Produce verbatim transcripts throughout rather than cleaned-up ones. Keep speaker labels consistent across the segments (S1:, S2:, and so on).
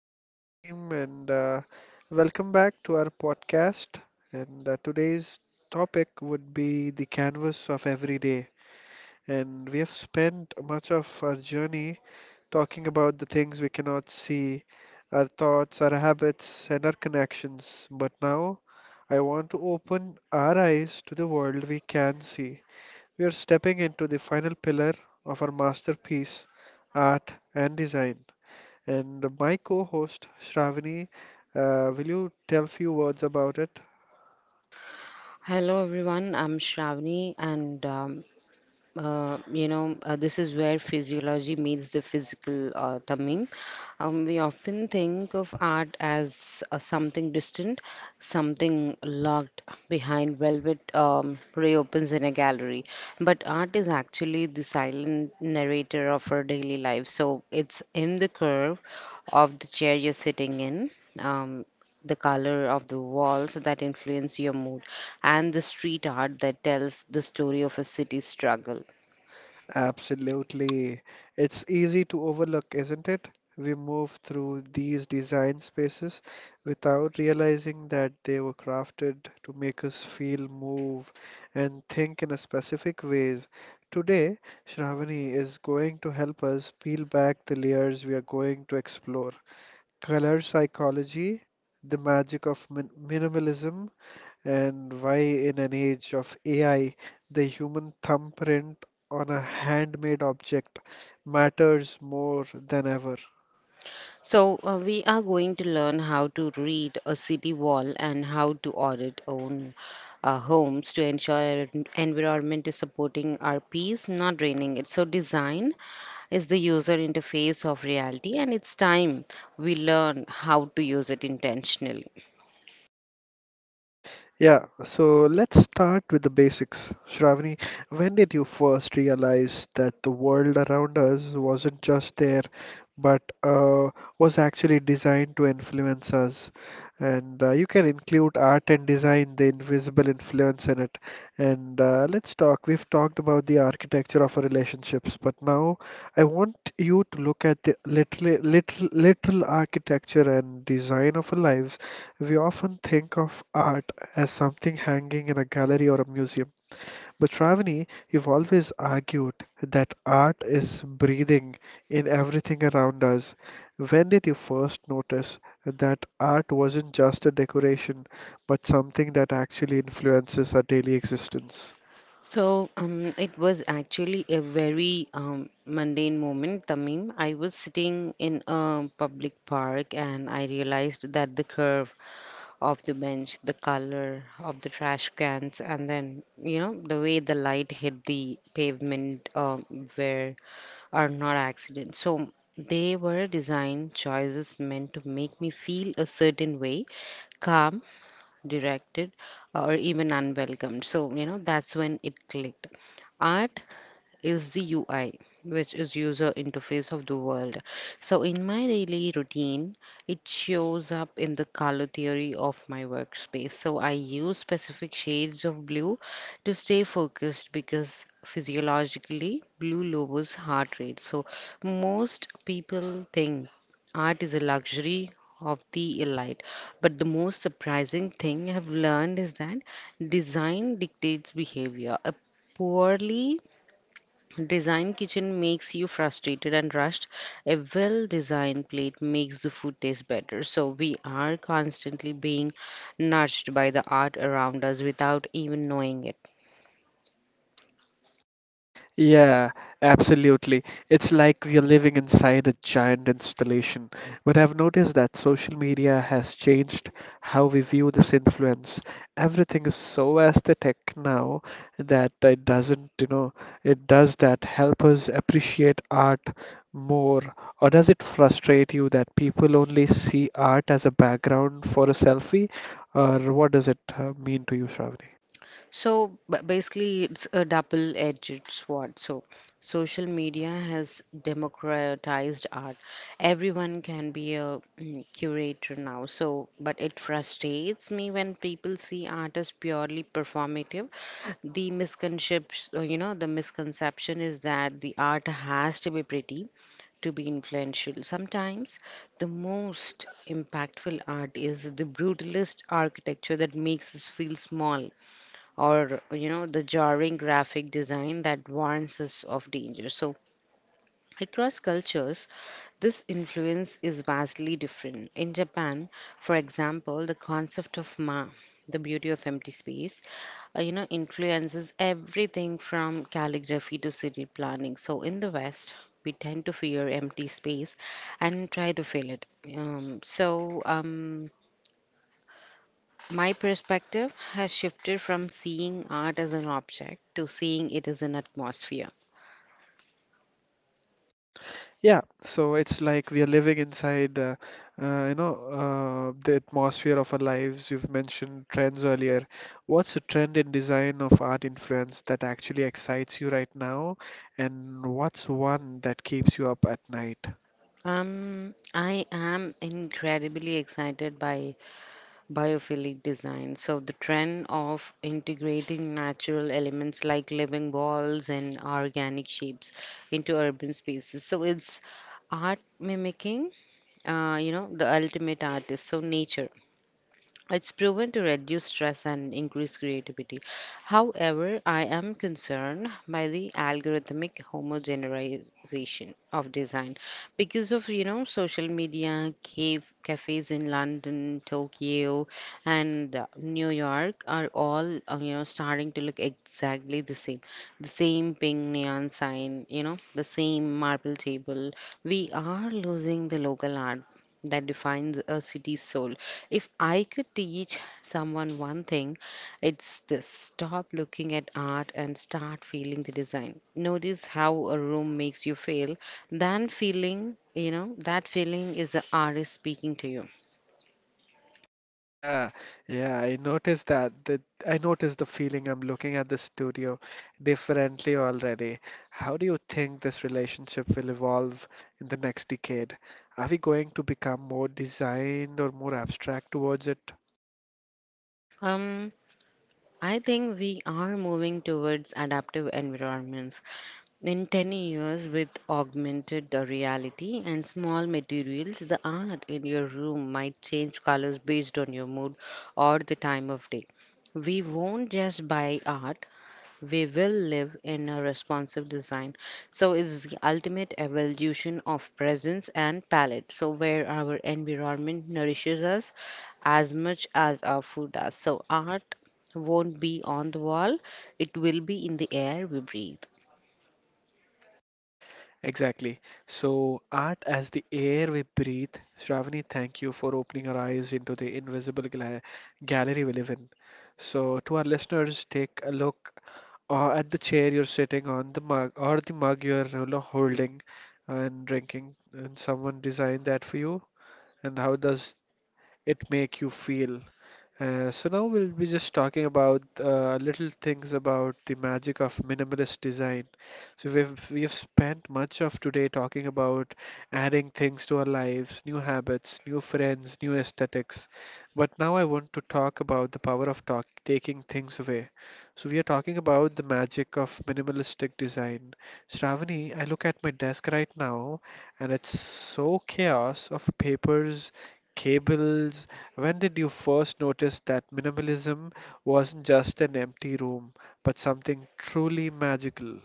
S1: am Tamim and uh, welcome back to our podcast. And uh, today's topic would be the canvas of every day. And we have spent much of our journey talking about the things we cannot see, our thoughts, our habits, and our connections. But now I want to open our eyes to the world we can see. We are stepping into the final pillar of our masterpiece, art and design. And my co-host, Shravani, uh, will you tell few words about it?
S2: Hello everyone, I'm Shravani and um, uh, you know, uh, this is where physiology meets the physical, uh, Tamim. Um, we often think of art as uh, something distant, something locked behind velvet um, reopens in a gallery. But art is actually the silent narrator of our daily life. So it's in the curve of the chair you're sitting in. Um, the color of the walls that influence your mood and the street art that tells the story of a city's struggle.
S1: Absolutely. It's easy to overlook, isn't it? We move through these design spaces without realizing that they were crafted to make us feel, move, and think in a specific ways. Today, Shravani is going to help us peel back the layers we are going to explore. Color psychology, the magic of min minimalism, and why, in an age of A I, the human thumbprint on a handmade object matters more than ever.
S2: So, uh, we are going to learn how to read a city wall and how to audit own uh, homes to ensure our en- environment is supporting our peace, not draining it. So, design is the user interface of reality, and it's time we learn how to use it intentionally.
S1: Yeah, so let's start with the basics. Shravani, when did you first realize that the world around us wasn't just there, but uh, was actually designed to influence us? And uh, you can include art and design, the invisible influence in it. And uh, let's talk. We've talked about the architecture of our relationships, but now I want you to look at the literal, literal, literal architecture and design of our lives. We often think of art as something hanging in a gallery or a museum, but Shravani, you've always argued that art is breathing in everything around us. When did you first notice that art wasn't just a decoration, but something that actually influences our daily existence?
S2: So, um, it was actually a very um, mundane moment, Tamim. I was sitting in a public park and I realized that the curve of the bench, the color of the trash cans, and then, you know, the way the light hit the pavement uh, were are not accidents. So they were design choices meant to make me feel a certain way, calm, directed, or even unwelcomed. So, you know, that's when it clicked. Art is the U I, which is user interface of the world. So in my daily routine, it shows up in the color theory of my workspace. So I use specific shades of blue to stay focused because physiologically blue lowers heart rate. So most people think art is a luxury of the elite. But the most surprising thing I have learned is that design dictates behavior. A poorly design kitchen makes you frustrated and rushed. A well designed plate makes the food taste better. So we are constantly being nudged by the art around us without even knowing it.
S1: Yeah, absolutely. It's like we are living inside a giant installation. But I've noticed that social media has changed how we view this influence. Everything is so aesthetic now that it doesn't, you know, it does that help us appreciate art more? Or does it frustrate you that people only see art as a background for a selfie? Or what does it uh, mean to you, Shravani?
S2: So ba- basically, it's a double-edged sword. So social media has democratized art. Everyone can be a mm, curator now. So, but it frustrates me when people see art as purely performative. The misconception, uh, you know, the misconception is that the art has to be pretty to be influential. Sometimes the most impactful art is the brutalist architecture that makes us feel small, or you know, the jarring graphic design that warns us of danger. So across cultures this influence is vastly different. In Japan, for example, the concept of ma, the beauty of empty space, uh, you know, influences everything from calligraphy to city planning. So in the west we tend to fear empty space and try to fill it. um, so um, My perspective has shifted from seeing art as an object to seeing it as an atmosphere.
S1: Yeah, so it's like we are living inside, uh, uh, you know, uh, the atmosphere of our lives. You've mentioned trends earlier. What's a trend in design of art influence that actually excites you right now, and what's one that keeps you up at night?
S2: Um, I am incredibly excited by biophilic design. So, the trend of integrating natural elements like living walls and organic shapes into urban spaces. So, it's art mimicking, uh, you know, the ultimate artist. So, nature. It's proven to reduce stress and increase creativity. However, I am concerned by the algorithmic homogenization of design because of you know social media, cave, cafes in London, Tokyo, and uh, New York are all uh, you know starting to look exactly the same. The same pink neon sign, you know, the same marble table. We are losing the local art that defines a city's soul. If I could teach someone one thing, it's this: stop looking at art and start feeling the design. Notice how a room makes you feel. Then feeling, you know, that feeling is the artist speaking to you.
S1: Yeah, yeah, I noticed that. That I noticed the feeling. I'm looking at the studio differently already. How do you think this relationship will evolve in the next decade? Are we going to become more designed or more abstract towards it?
S2: Um, I think we are moving towards adaptive environments. In ten years, with augmented uh, reality and small materials, the art in your room might change colors based on your mood or the time of day. We won't just buy art, we will live in a responsive design. So, it's the ultimate evolution of presence and palette. So, where our environment nourishes us as much as our food does. So, art won't be on the wall, it will be in the air we breathe.
S1: Exactly. So, art as the air we breathe. Shravani, thank you for opening our eyes into the invisible gla gallery we live in. So, to our listeners, take a look or at the chair you're sitting on, the mug or the mug you're you know, holding and drinking, and someone designed that for you, and how does it make you feel? Uh, so now we'll be just talking about uh, little things about the magic of minimalist design. So we've we've spent much of today talking about adding things to our lives, new habits, new friends, new aesthetics. But now I want to talk about the power of talk taking things away. So we are talking about the magic of minimalistic design. Shravani, I look at my desk right now, and it's so chaos of papers, cables. When did you first notice that minimalism wasn't just an empty room, but something truly magical?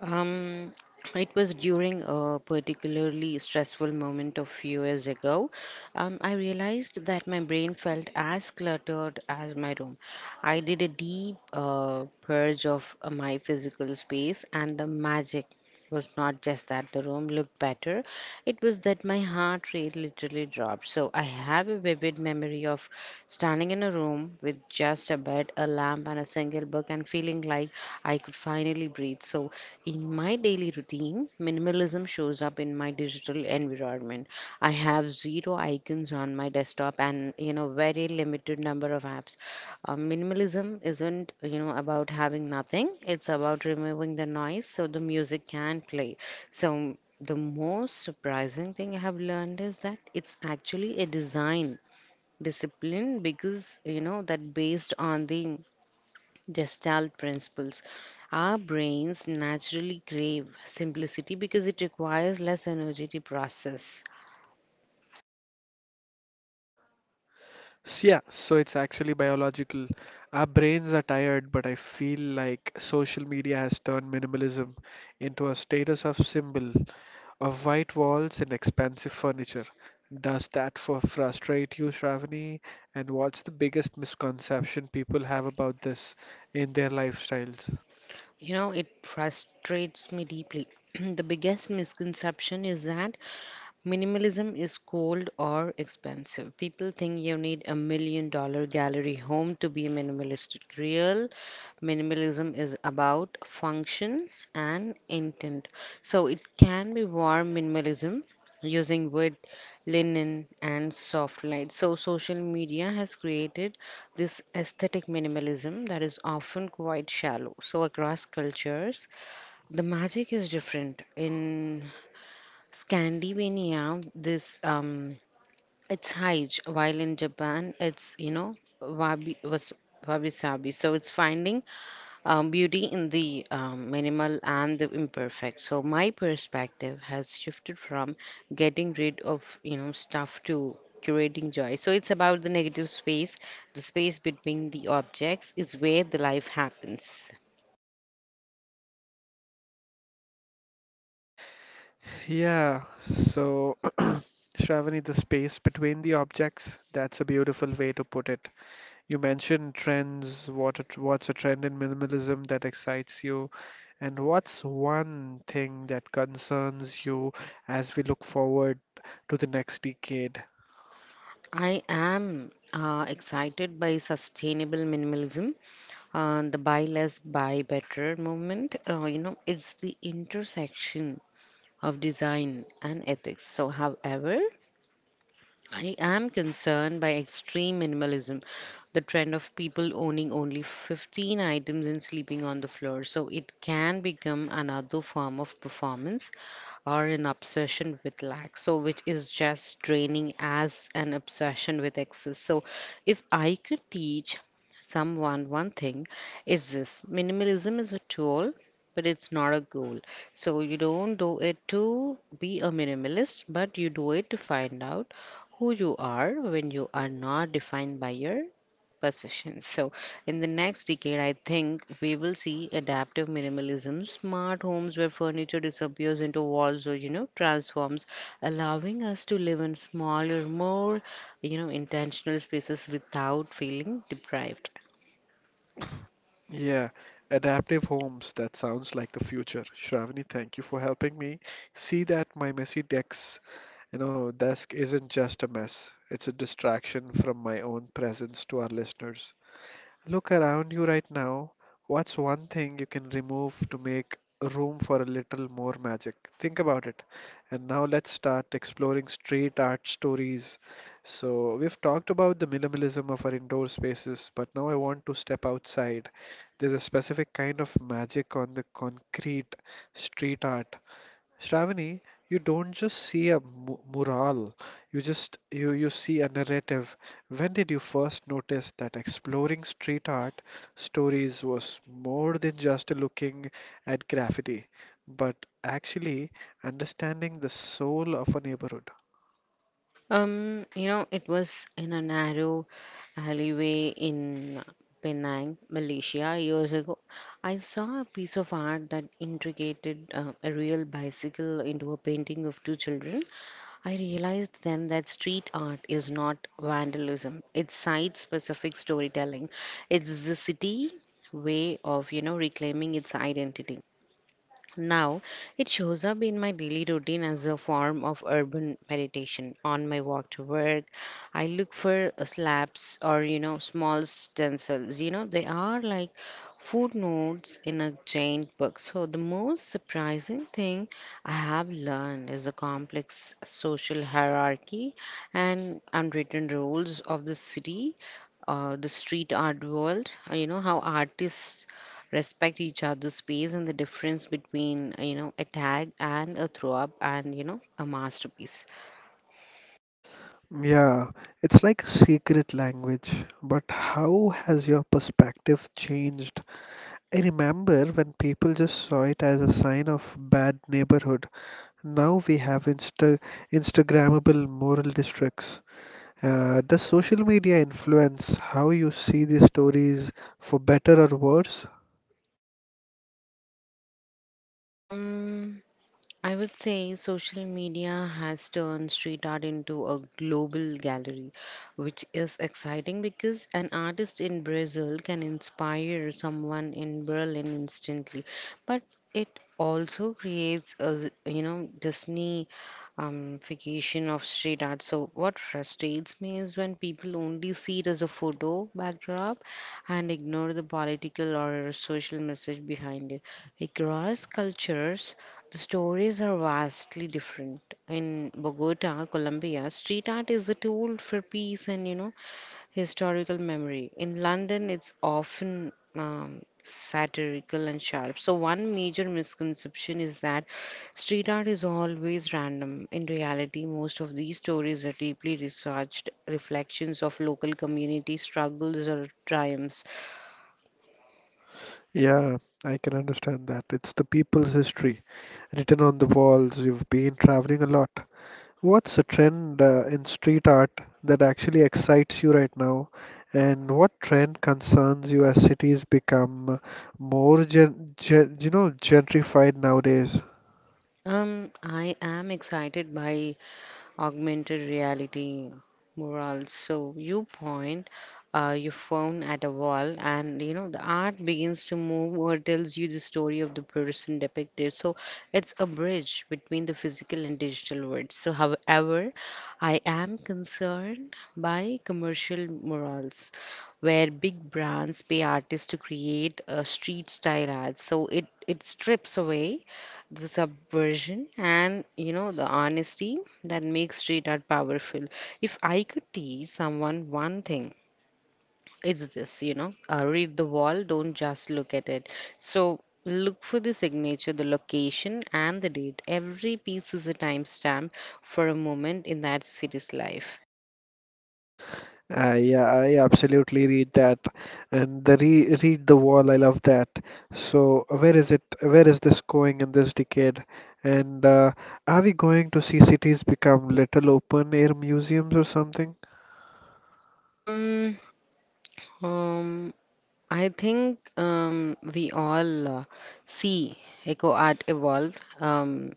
S2: Um, it was during a particularly stressful moment a few years ago. Um, I realized that my brain felt as cluttered as my room. I did a deep uh, purge of uh, my physical space, and the magic was not just that the room looked better, it was that my heart rate literally dropped. So I have a vivid memory of standing in a room with just a bed, a lamp, and a single book, and feeling like I could finally breathe. So in my daily routine, minimalism shows up in my digital environment. I have zero icons on my desktop and you know very limited number of apps. Uh, minimalism isn't you know about having nothing. It's about removing the noise so the music can play. So the most surprising thing I have learned is that it's actually a design discipline because you know that based on the Gestalt principles. Our brains naturally crave simplicity because it requires less energy to process.
S1: So yeah, so it's actually biological. Our brains are tired, but I feel like social media has turned minimalism into a status of symbol of white walls and expensive furniture. Does that for frustrate you, Shravani? And what's the biggest misconception people have about this in their lifestyles?
S2: You know, it frustrates me deeply. The biggest misconception is that minimalism is cold or expensive. People think you need a million dollar gallery home to be minimalistic. Real minimalism is about function and intent. So it can be warm minimalism using wood, linen, and soft light. So, social media has created this aesthetic minimalism that is often quite shallow. So, across cultures, the magic is different. In Scandinavia, this um, it's Haij, while in Japan, it's you know wabi was wabi sabi. So, it's finding um, beauty in the um, minimal and the imperfect. So my perspective has shifted from getting rid of you know stuff to curating joy. So it's about the negative space. The space between the objects is where the life happens.
S1: Yeah, so Shravani, the space between the objects, that's a beautiful way to put it. You mentioned trends, what a, tr- what's a trend in minimalism that excites you, and what's one thing that concerns you as we look forward to the next decade?
S2: I am uh, excited by sustainable minimalism, uh, the buy less, buy better movement. Uh, you know, it's the intersection of design and ethics. So, however, I am concerned by extreme minimalism, the trend of people owning only fifteen items and sleeping on the floor. So it can become another form of performance or an obsession with lack. So, which is just draining as an obsession with excess. So, if I could teach someone one thing, is this: minimalism is a tool. But it's not a goal. So you don't do it to be a minimalist, but you do it to find out who you are when you are not defined by your possessions. So, in the next decade, I think we will see adaptive minimalism, smart homes where furniture disappears into walls or you know transforms, allowing us to live in smaller, more you know intentional spaces without feeling deprived.
S1: Yeah, adaptive homes, that sounds like the future. Shravani, thank you for helping me see that my messy decks you know, desk isn't just a mess, it's a distraction from my own presence. To our listeners, look around you right now. What's one thing you can remove to make room for a little more magic? Think about it. And now let's start exploring street art stories. So, we've talked about the minimalism of our indoor spaces, but now I want to step outside. There's a specific kind of magic on the concrete street art. Shravani, you don't just see a mu- mural, you just you you see a narrative. When did you first notice that exploring street art stories was more than just looking at graffiti, but actually understanding the soul of a neighborhood?
S2: Um, you know, it was in a narrow alleyway in Penang, Malaysia, years ago. I saw a piece of art that integrated uh, a real bicycle into a painting of two children. I realized then that street art is not vandalism, it's site specific storytelling, it's the city way of, you know, reclaiming its identity. Now, it shows up in my daily routine as a form of urban meditation. On my walk to work, I look for uh, slabs or, you know, small stencils. You know, they are like footnotes in a giant book. So, the most surprising thing I have learned is the complex social hierarchy and unwritten rules of the city, uh, the street art world, uh, you know, how artists respect each other's space and the difference between you know a tag and a throw up and you know a masterpiece.
S1: Yeah, it's like a secret language. But how has your perspective changed? I remember when people just saw it as a sign of bad neighborhood. Now we have Insta Instagrammable moral districts. Uh, does social media influence how you see these stories for better or worse?
S2: um I would say social media has turned street art into a global gallery, which is exciting because an artist in Brazil can inspire someone in Berlin instantly. But it also creates a, z- you know, Disney um, fication of street art. So what frustrates me is when people only see it as a photo backdrop and ignore the political or social message behind it. Across cultures, the stories are vastly different. In Bogota, Colombia, street art is a tool for peace and, you know, historical memory. In London, it's often um, satirical and sharp. So, one major misconception is that street art is always random. In reality, most of these stories are deeply researched reflections of local community struggles or triumphs.
S1: Yeah, I can understand that. It's the people's history written on the walls. You've been traveling a lot. What's a trend uh, in street art that actually excites you right now? And what trend concerns you as cities become more gen gen you know gentrified nowadays?
S2: Um, I am excited by augmented reality murals. So you point uh, your phone at a wall, and you know the art begins to move or tells you the story of the person depicted. So it's a bridge between the physical and digital worlds. So, however, I am concerned by commercial murals where big brands pay artists to create a street style ads. So it, it strips away the subversion and you know the honesty that makes street art powerful. If i could teach someone one thing, it's this. You know uh, read the wall, don't just look at it. So look for the signature, the location and the date. Every piece is a timestamp for a moment in that city's life.
S1: Uh, yeah, I absolutely read that, and the re read the wall. I love that. So, uh, where is it? Where is this going in this decade? And uh, are we going to see cities become little open air museums or something?
S2: um, um, I think um, we all uh, see eco art evolve. Um,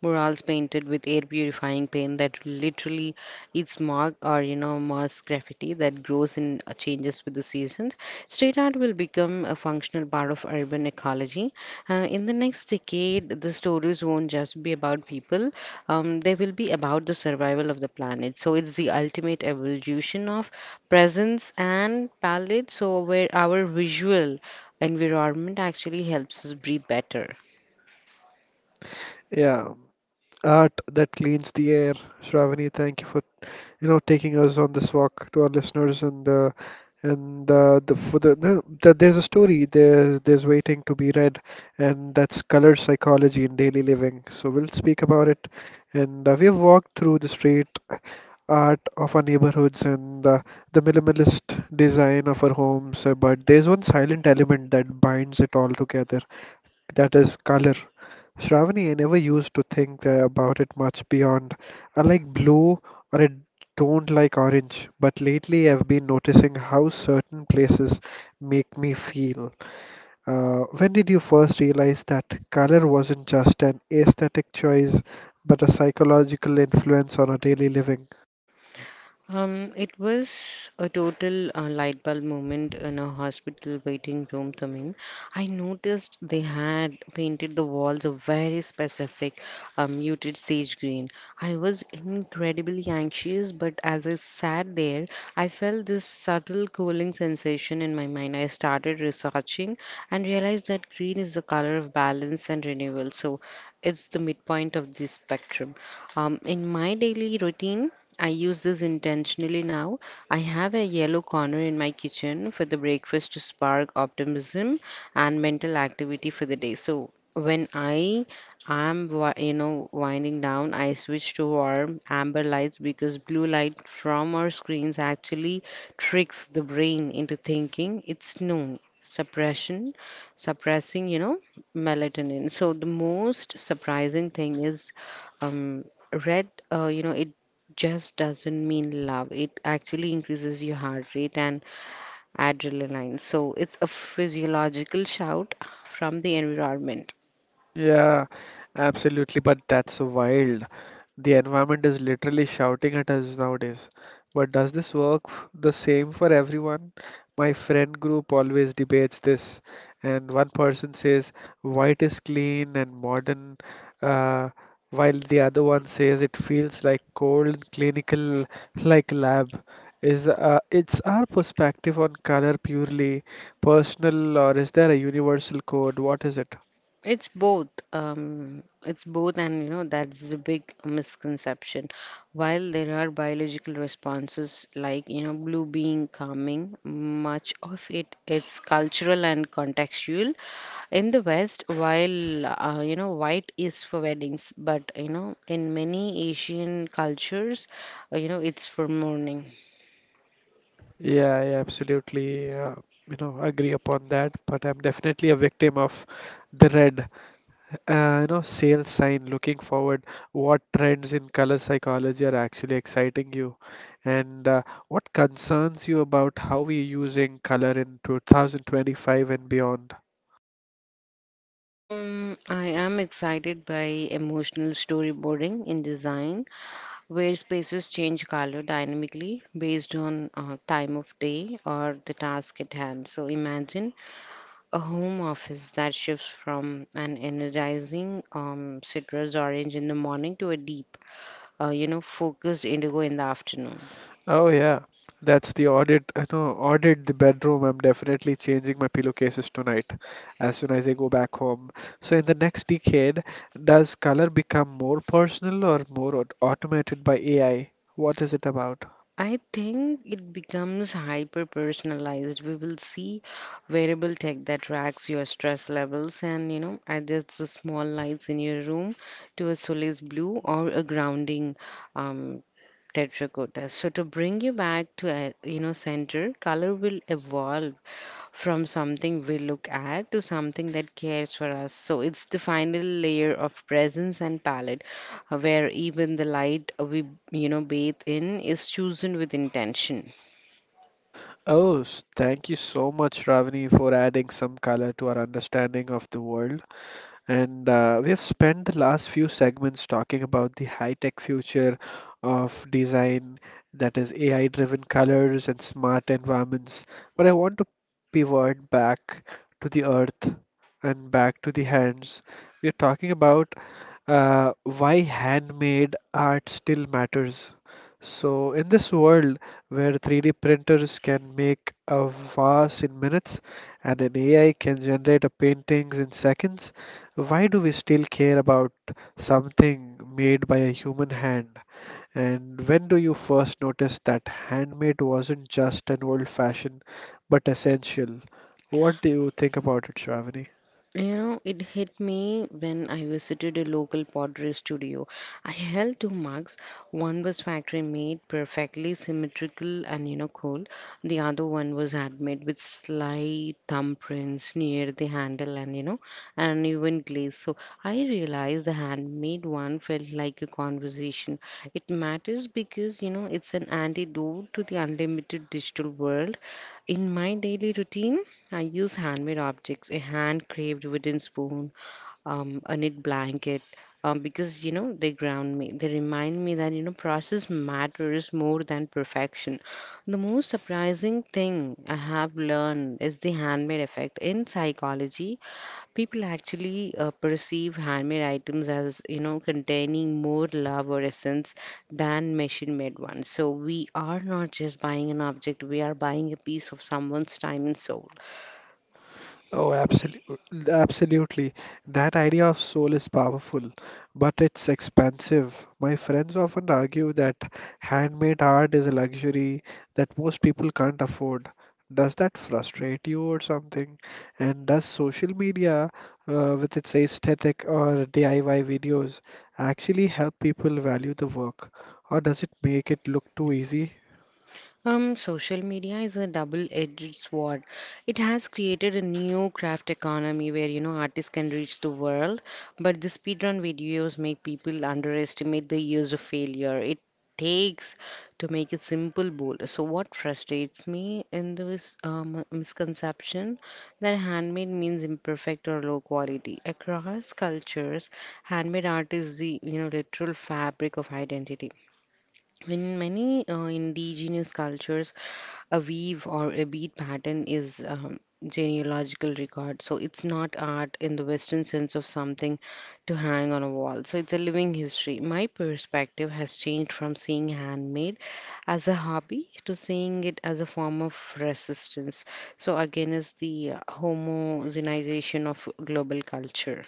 S2: Murals painted with air purifying paint that literally it's mark, or you know mass graffiti that grows and uh, changes with the seasons. Street art will become a functional part of urban ecology. Uh, in the next decade, the stories won't just be about people. Um, they will be about the survival of the planet. So it's the ultimate evolution of presence and palette, so where our visual environment actually helps us breathe better.
S1: Yeah, art that cleans the air. Shravani, thank you for you know taking us on this walk. To our listeners, and the and the the for the, the, the there's a story, there's there's waiting to be read. And that's color psychology in daily living, so we'll speak about it. And uh, we've walked through the street art of our neighborhoods and uh, the minimalist design of our homes, uh, but there's one silent element that binds it all together, that is color. Shravani, I never used to think uh, about it much beyond. I like blue or I don't like orange, but lately I've been noticing how certain places make me feel. Uh, when did you first realize that color wasn't just an aesthetic choice, but a psychological influence on our daily living?
S2: Um, it was a total uh, light bulb moment in a hospital waiting room, Tamim. I noticed they had painted the walls a very specific um, muted sage green. I was incredibly anxious, but as I sat there, I felt this subtle cooling sensation in my mind. I started researching and realized that green is the color of balance and renewal, so it's the midpoint of this spectrum. Um, in my daily routine, I use this intentionally now. I have a yellow corner in my kitchen for the breakfast to spark optimism and mental activity for the day. So when I am, wi- you know, winding down, I switch to warm amber lights because blue light from our screens actually tricks the brain into thinking it's noon. Suppression, suppressing, you know, melatonin. So the most surprising thing is um, red. Uh, you know, it just doesn't mean love. It actually increases your heart rate and adrenaline. So it's a physiological shout from the environment.
S1: Yeah, absolutely. But that's wild. The environment is literally shouting at us nowadays. But does this work f- the same for everyone? My friend group always debates this, and one person says white is clean and modern, uh, while the other one says it feels like cold, clinical, like lab. Is uh, it's our perspective on color purely personal, or is there a universal code? What is it?
S2: It's both. Um, it's both, and you know, that's the big misconception. While there are biological responses like, you know, blue being calming, much of it is cultural and contextual. In the West, while, uh, you know, white is for weddings, but, you know, in many Asian cultures, uh, you know, it's for mourning.
S1: Yeah, I absolutely, uh, you know, agree upon that. But I'm definitely a victim of the red, uh, you know, sales sign looking forward. What trends in color psychology are actually exciting you, and uh, what concerns you about how we're using color in two thousand twenty-five and beyond?
S2: Um, I am excited by emotional storyboarding in design where spaces change color dynamically based on uh, time of day or the task at hand. So imagine a home office that shifts from an energizing um, citrus orange in the morning to a deep, uh, you know, focused indigo in the afternoon.
S1: Oh yeah, that's the audit. I know, audit the bedroom. I'm definitely changing my pillowcases tonight as soon as I go back home. So in the next decade, does color become more personal or more aut- automated by A I? What is it about?
S2: I think it becomes hyper personalized. We will see wearable tech that tracks your stress levels and, you know, adjusts the small lights in your room to a solace blue or a grounding um, tetracotta. So to bring you back to, uh, you know, center, color will evolve from something we look at to something that cares for us. So it's the final layer of presence and palette where even the light we, you know, bathe in is chosen with intention.
S1: Oh, s- thank you so much, Ravani, for adding some color to our understanding of the world. And uh, we have spent the last few segments talking about the high-tech future of design, that is A I-driven colors and smart environments. But I want to pivot back to the earth and back to the hands. We are talking about uh, why handmade art still matters. So, in this world where three D printers can make a vase in minutes and an A I can generate a paintings in seconds, why do we still care about something made by a human hand? And when do you first notice that handmade wasn't just an old fashioned, but essential? What do you think about it, Shravani?
S2: You know, it hit me when I visited a local pottery studio. I held two mugs. One was factory made, perfectly symmetrical and you know cool. The other one was handmade with slight thumbprints near the handle and you know an uneven glaze. So I realized the handmade one felt like a conversation. It matters because you know it's an antidote to the unlimited digital world. In my daily routine, I use handmade objects, a hand carved wooden spoon, um, a knit blanket, um, because you know they ground me. They remind me that you know process matters more than perfection. The most surprising thing I have learned is the handmade effect in psychology. People actually uh, perceive handmade items as you know containing more love or essence than machine made ones. So we are not just buying an object, we are buying a piece of someone's time and soul.
S1: Oh, absolutely, absolutely. That idea of soul is powerful, but it's expensive. My friends often argue that handmade art is a luxury that most people can't afford. Does that frustrate you or something? And does social media, uh, with its aesthetic or D I Y videos, actually help people value the work, or does it make it look too easy?
S2: Um, social media is a double-edged sword. It has created a new craft economy where you know artists can reach the world, but the speedrun videos make people underestimate the years of failure it takes to make a simple bowl. So what frustrates me in this um, misconception that handmade means imperfect or low quality. Across cultures, handmade art is the you know literal fabric of identity. In many uh, indigenous cultures, a weave or a bead pattern is um, genealogical record. So it's not art in the western sense of something to hang on a wall, so it's a living history. My perspective has changed from seeing handmade as a hobby to seeing it as a form of resistance, so again is the uh, homogenization of global culture.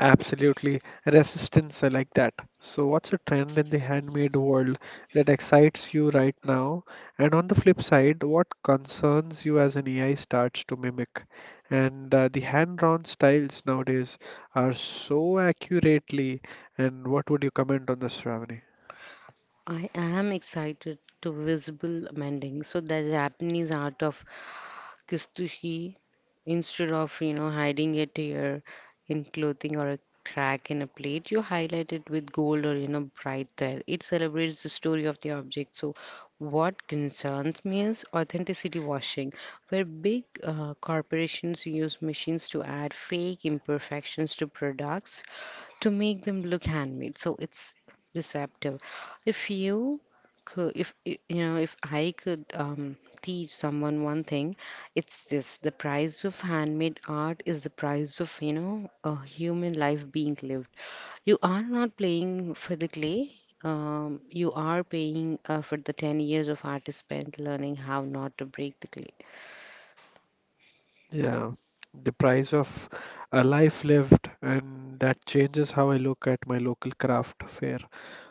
S1: Absolutely. Resistance, I like that. So, what's a trend in the handmade world that excites you right now? And on the flip side, what concerns you as an A I starts to mimic? And uh, the hand-drawn styles nowadays are so accurately. And what would you comment on this, Shravani?
S2: I am excited to visible mending. So the Japanese art of kissed he, instead of you know hiding a tear in clothing or a crack in a plate, you highlight it with gold or you know bright there. It celebrates the story of the object. So what concerns me is authenticity washing, where big uh, corporations use machines to add fake imperfections to products to make them look handmade. So it's deceptive. If you could if y- you know if I could um, teach someone one thing, it's this. The price of handmade art is the price of you know a human life being lived. You are not playing for the clay. Um, you are paying uh, for the ten years of artist spent learning how not to break the clay.
S1: Yeah, the price of a life lived, and that changes how I look at my local craft fair.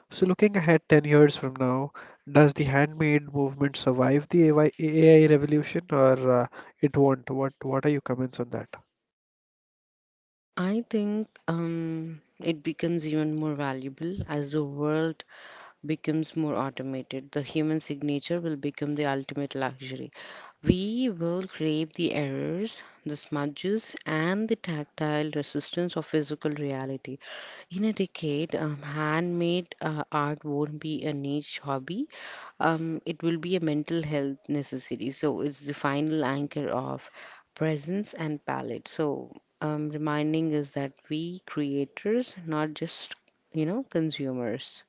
S1: So, looking ahead ten years from now, does the handmade movement survive the A I revolution, or uh, it won't? What, what are your comments on that?
S2: I think um, it becomes even more valuable as the world becomes more automated. The human signature will become the ultimate luxury. We will crave the errors, the smudges, and the tactile resistance of physical reality. In a decade, um, handmade uh, art won't be a niche hobby. Um, it will be a mental health necessity. So it's the final anchor of presence and palette. So um, reminding us that we creators, not just you know consumers.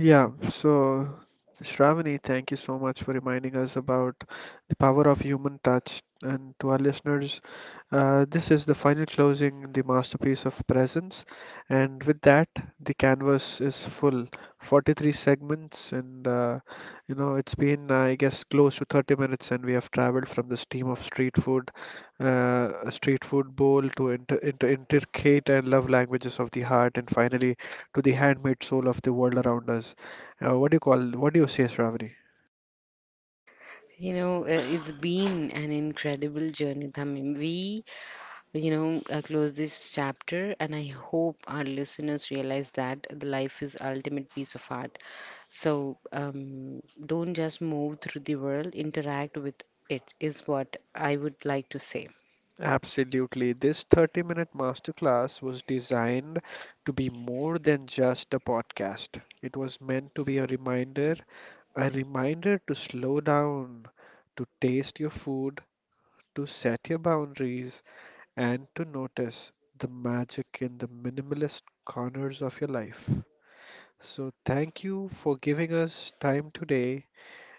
S1: Yeah, so Shravani, thank you so much for reminding us about the power of human touch. And to our listeners, uh, this is the final closing, the masterpiece of presence. And with that, the canvas is full. forty-three segments. And, uh, you know, it's been, I guess, close to thirty minutes, and we have traveled from the steam of street food, uh, a street food bowl, to inter inter intricate and love languages of the heart, and finally to the handmade soul of the world around us. Uh, what do you call? What do you say, Shravani?
S2: You know, uh, it's been an incredible journey, Tamim. We, you know, uh, close this chapter, and I hope our listeners realize that the life is ultimate piece of art. So um, don't just move through the world, interact with it is what I would like to say.
S1: Absolutely. This thirty-minute masterclass was designed to be more than just a podcast. It was meant to be a reminder, a reminder to slow down, to taste your food, to set your boundaries, and to notice the magic in the minimalist corners of your life. So, thank you for giving us time today.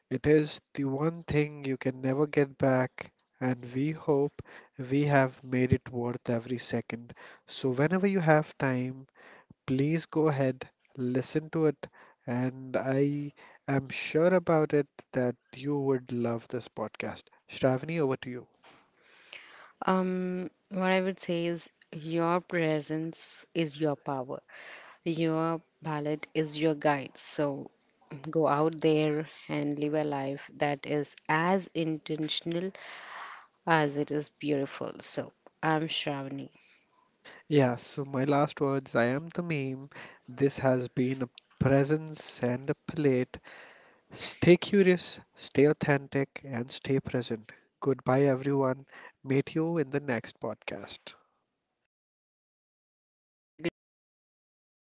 S1: It is the one thing you can never get back, and we hope we have made it worth every second. So, whenever you have time, please go ahead, listen to it, and I am sure about it that you would love this podcast. Shravani, over to you.
S2: Um, what I would say is your presence is your power. Your palette is your guide. So go out there and live a life that is as intentional as it is beautiful. So, I'm Shravani.
S1: Yeah, so my last words, I am the meme. This has been a presence and a plate. Stay curious, stay authentic, and stay present. Goodbye, everyone. Meet you in the next podcast.
S2: Goodbye,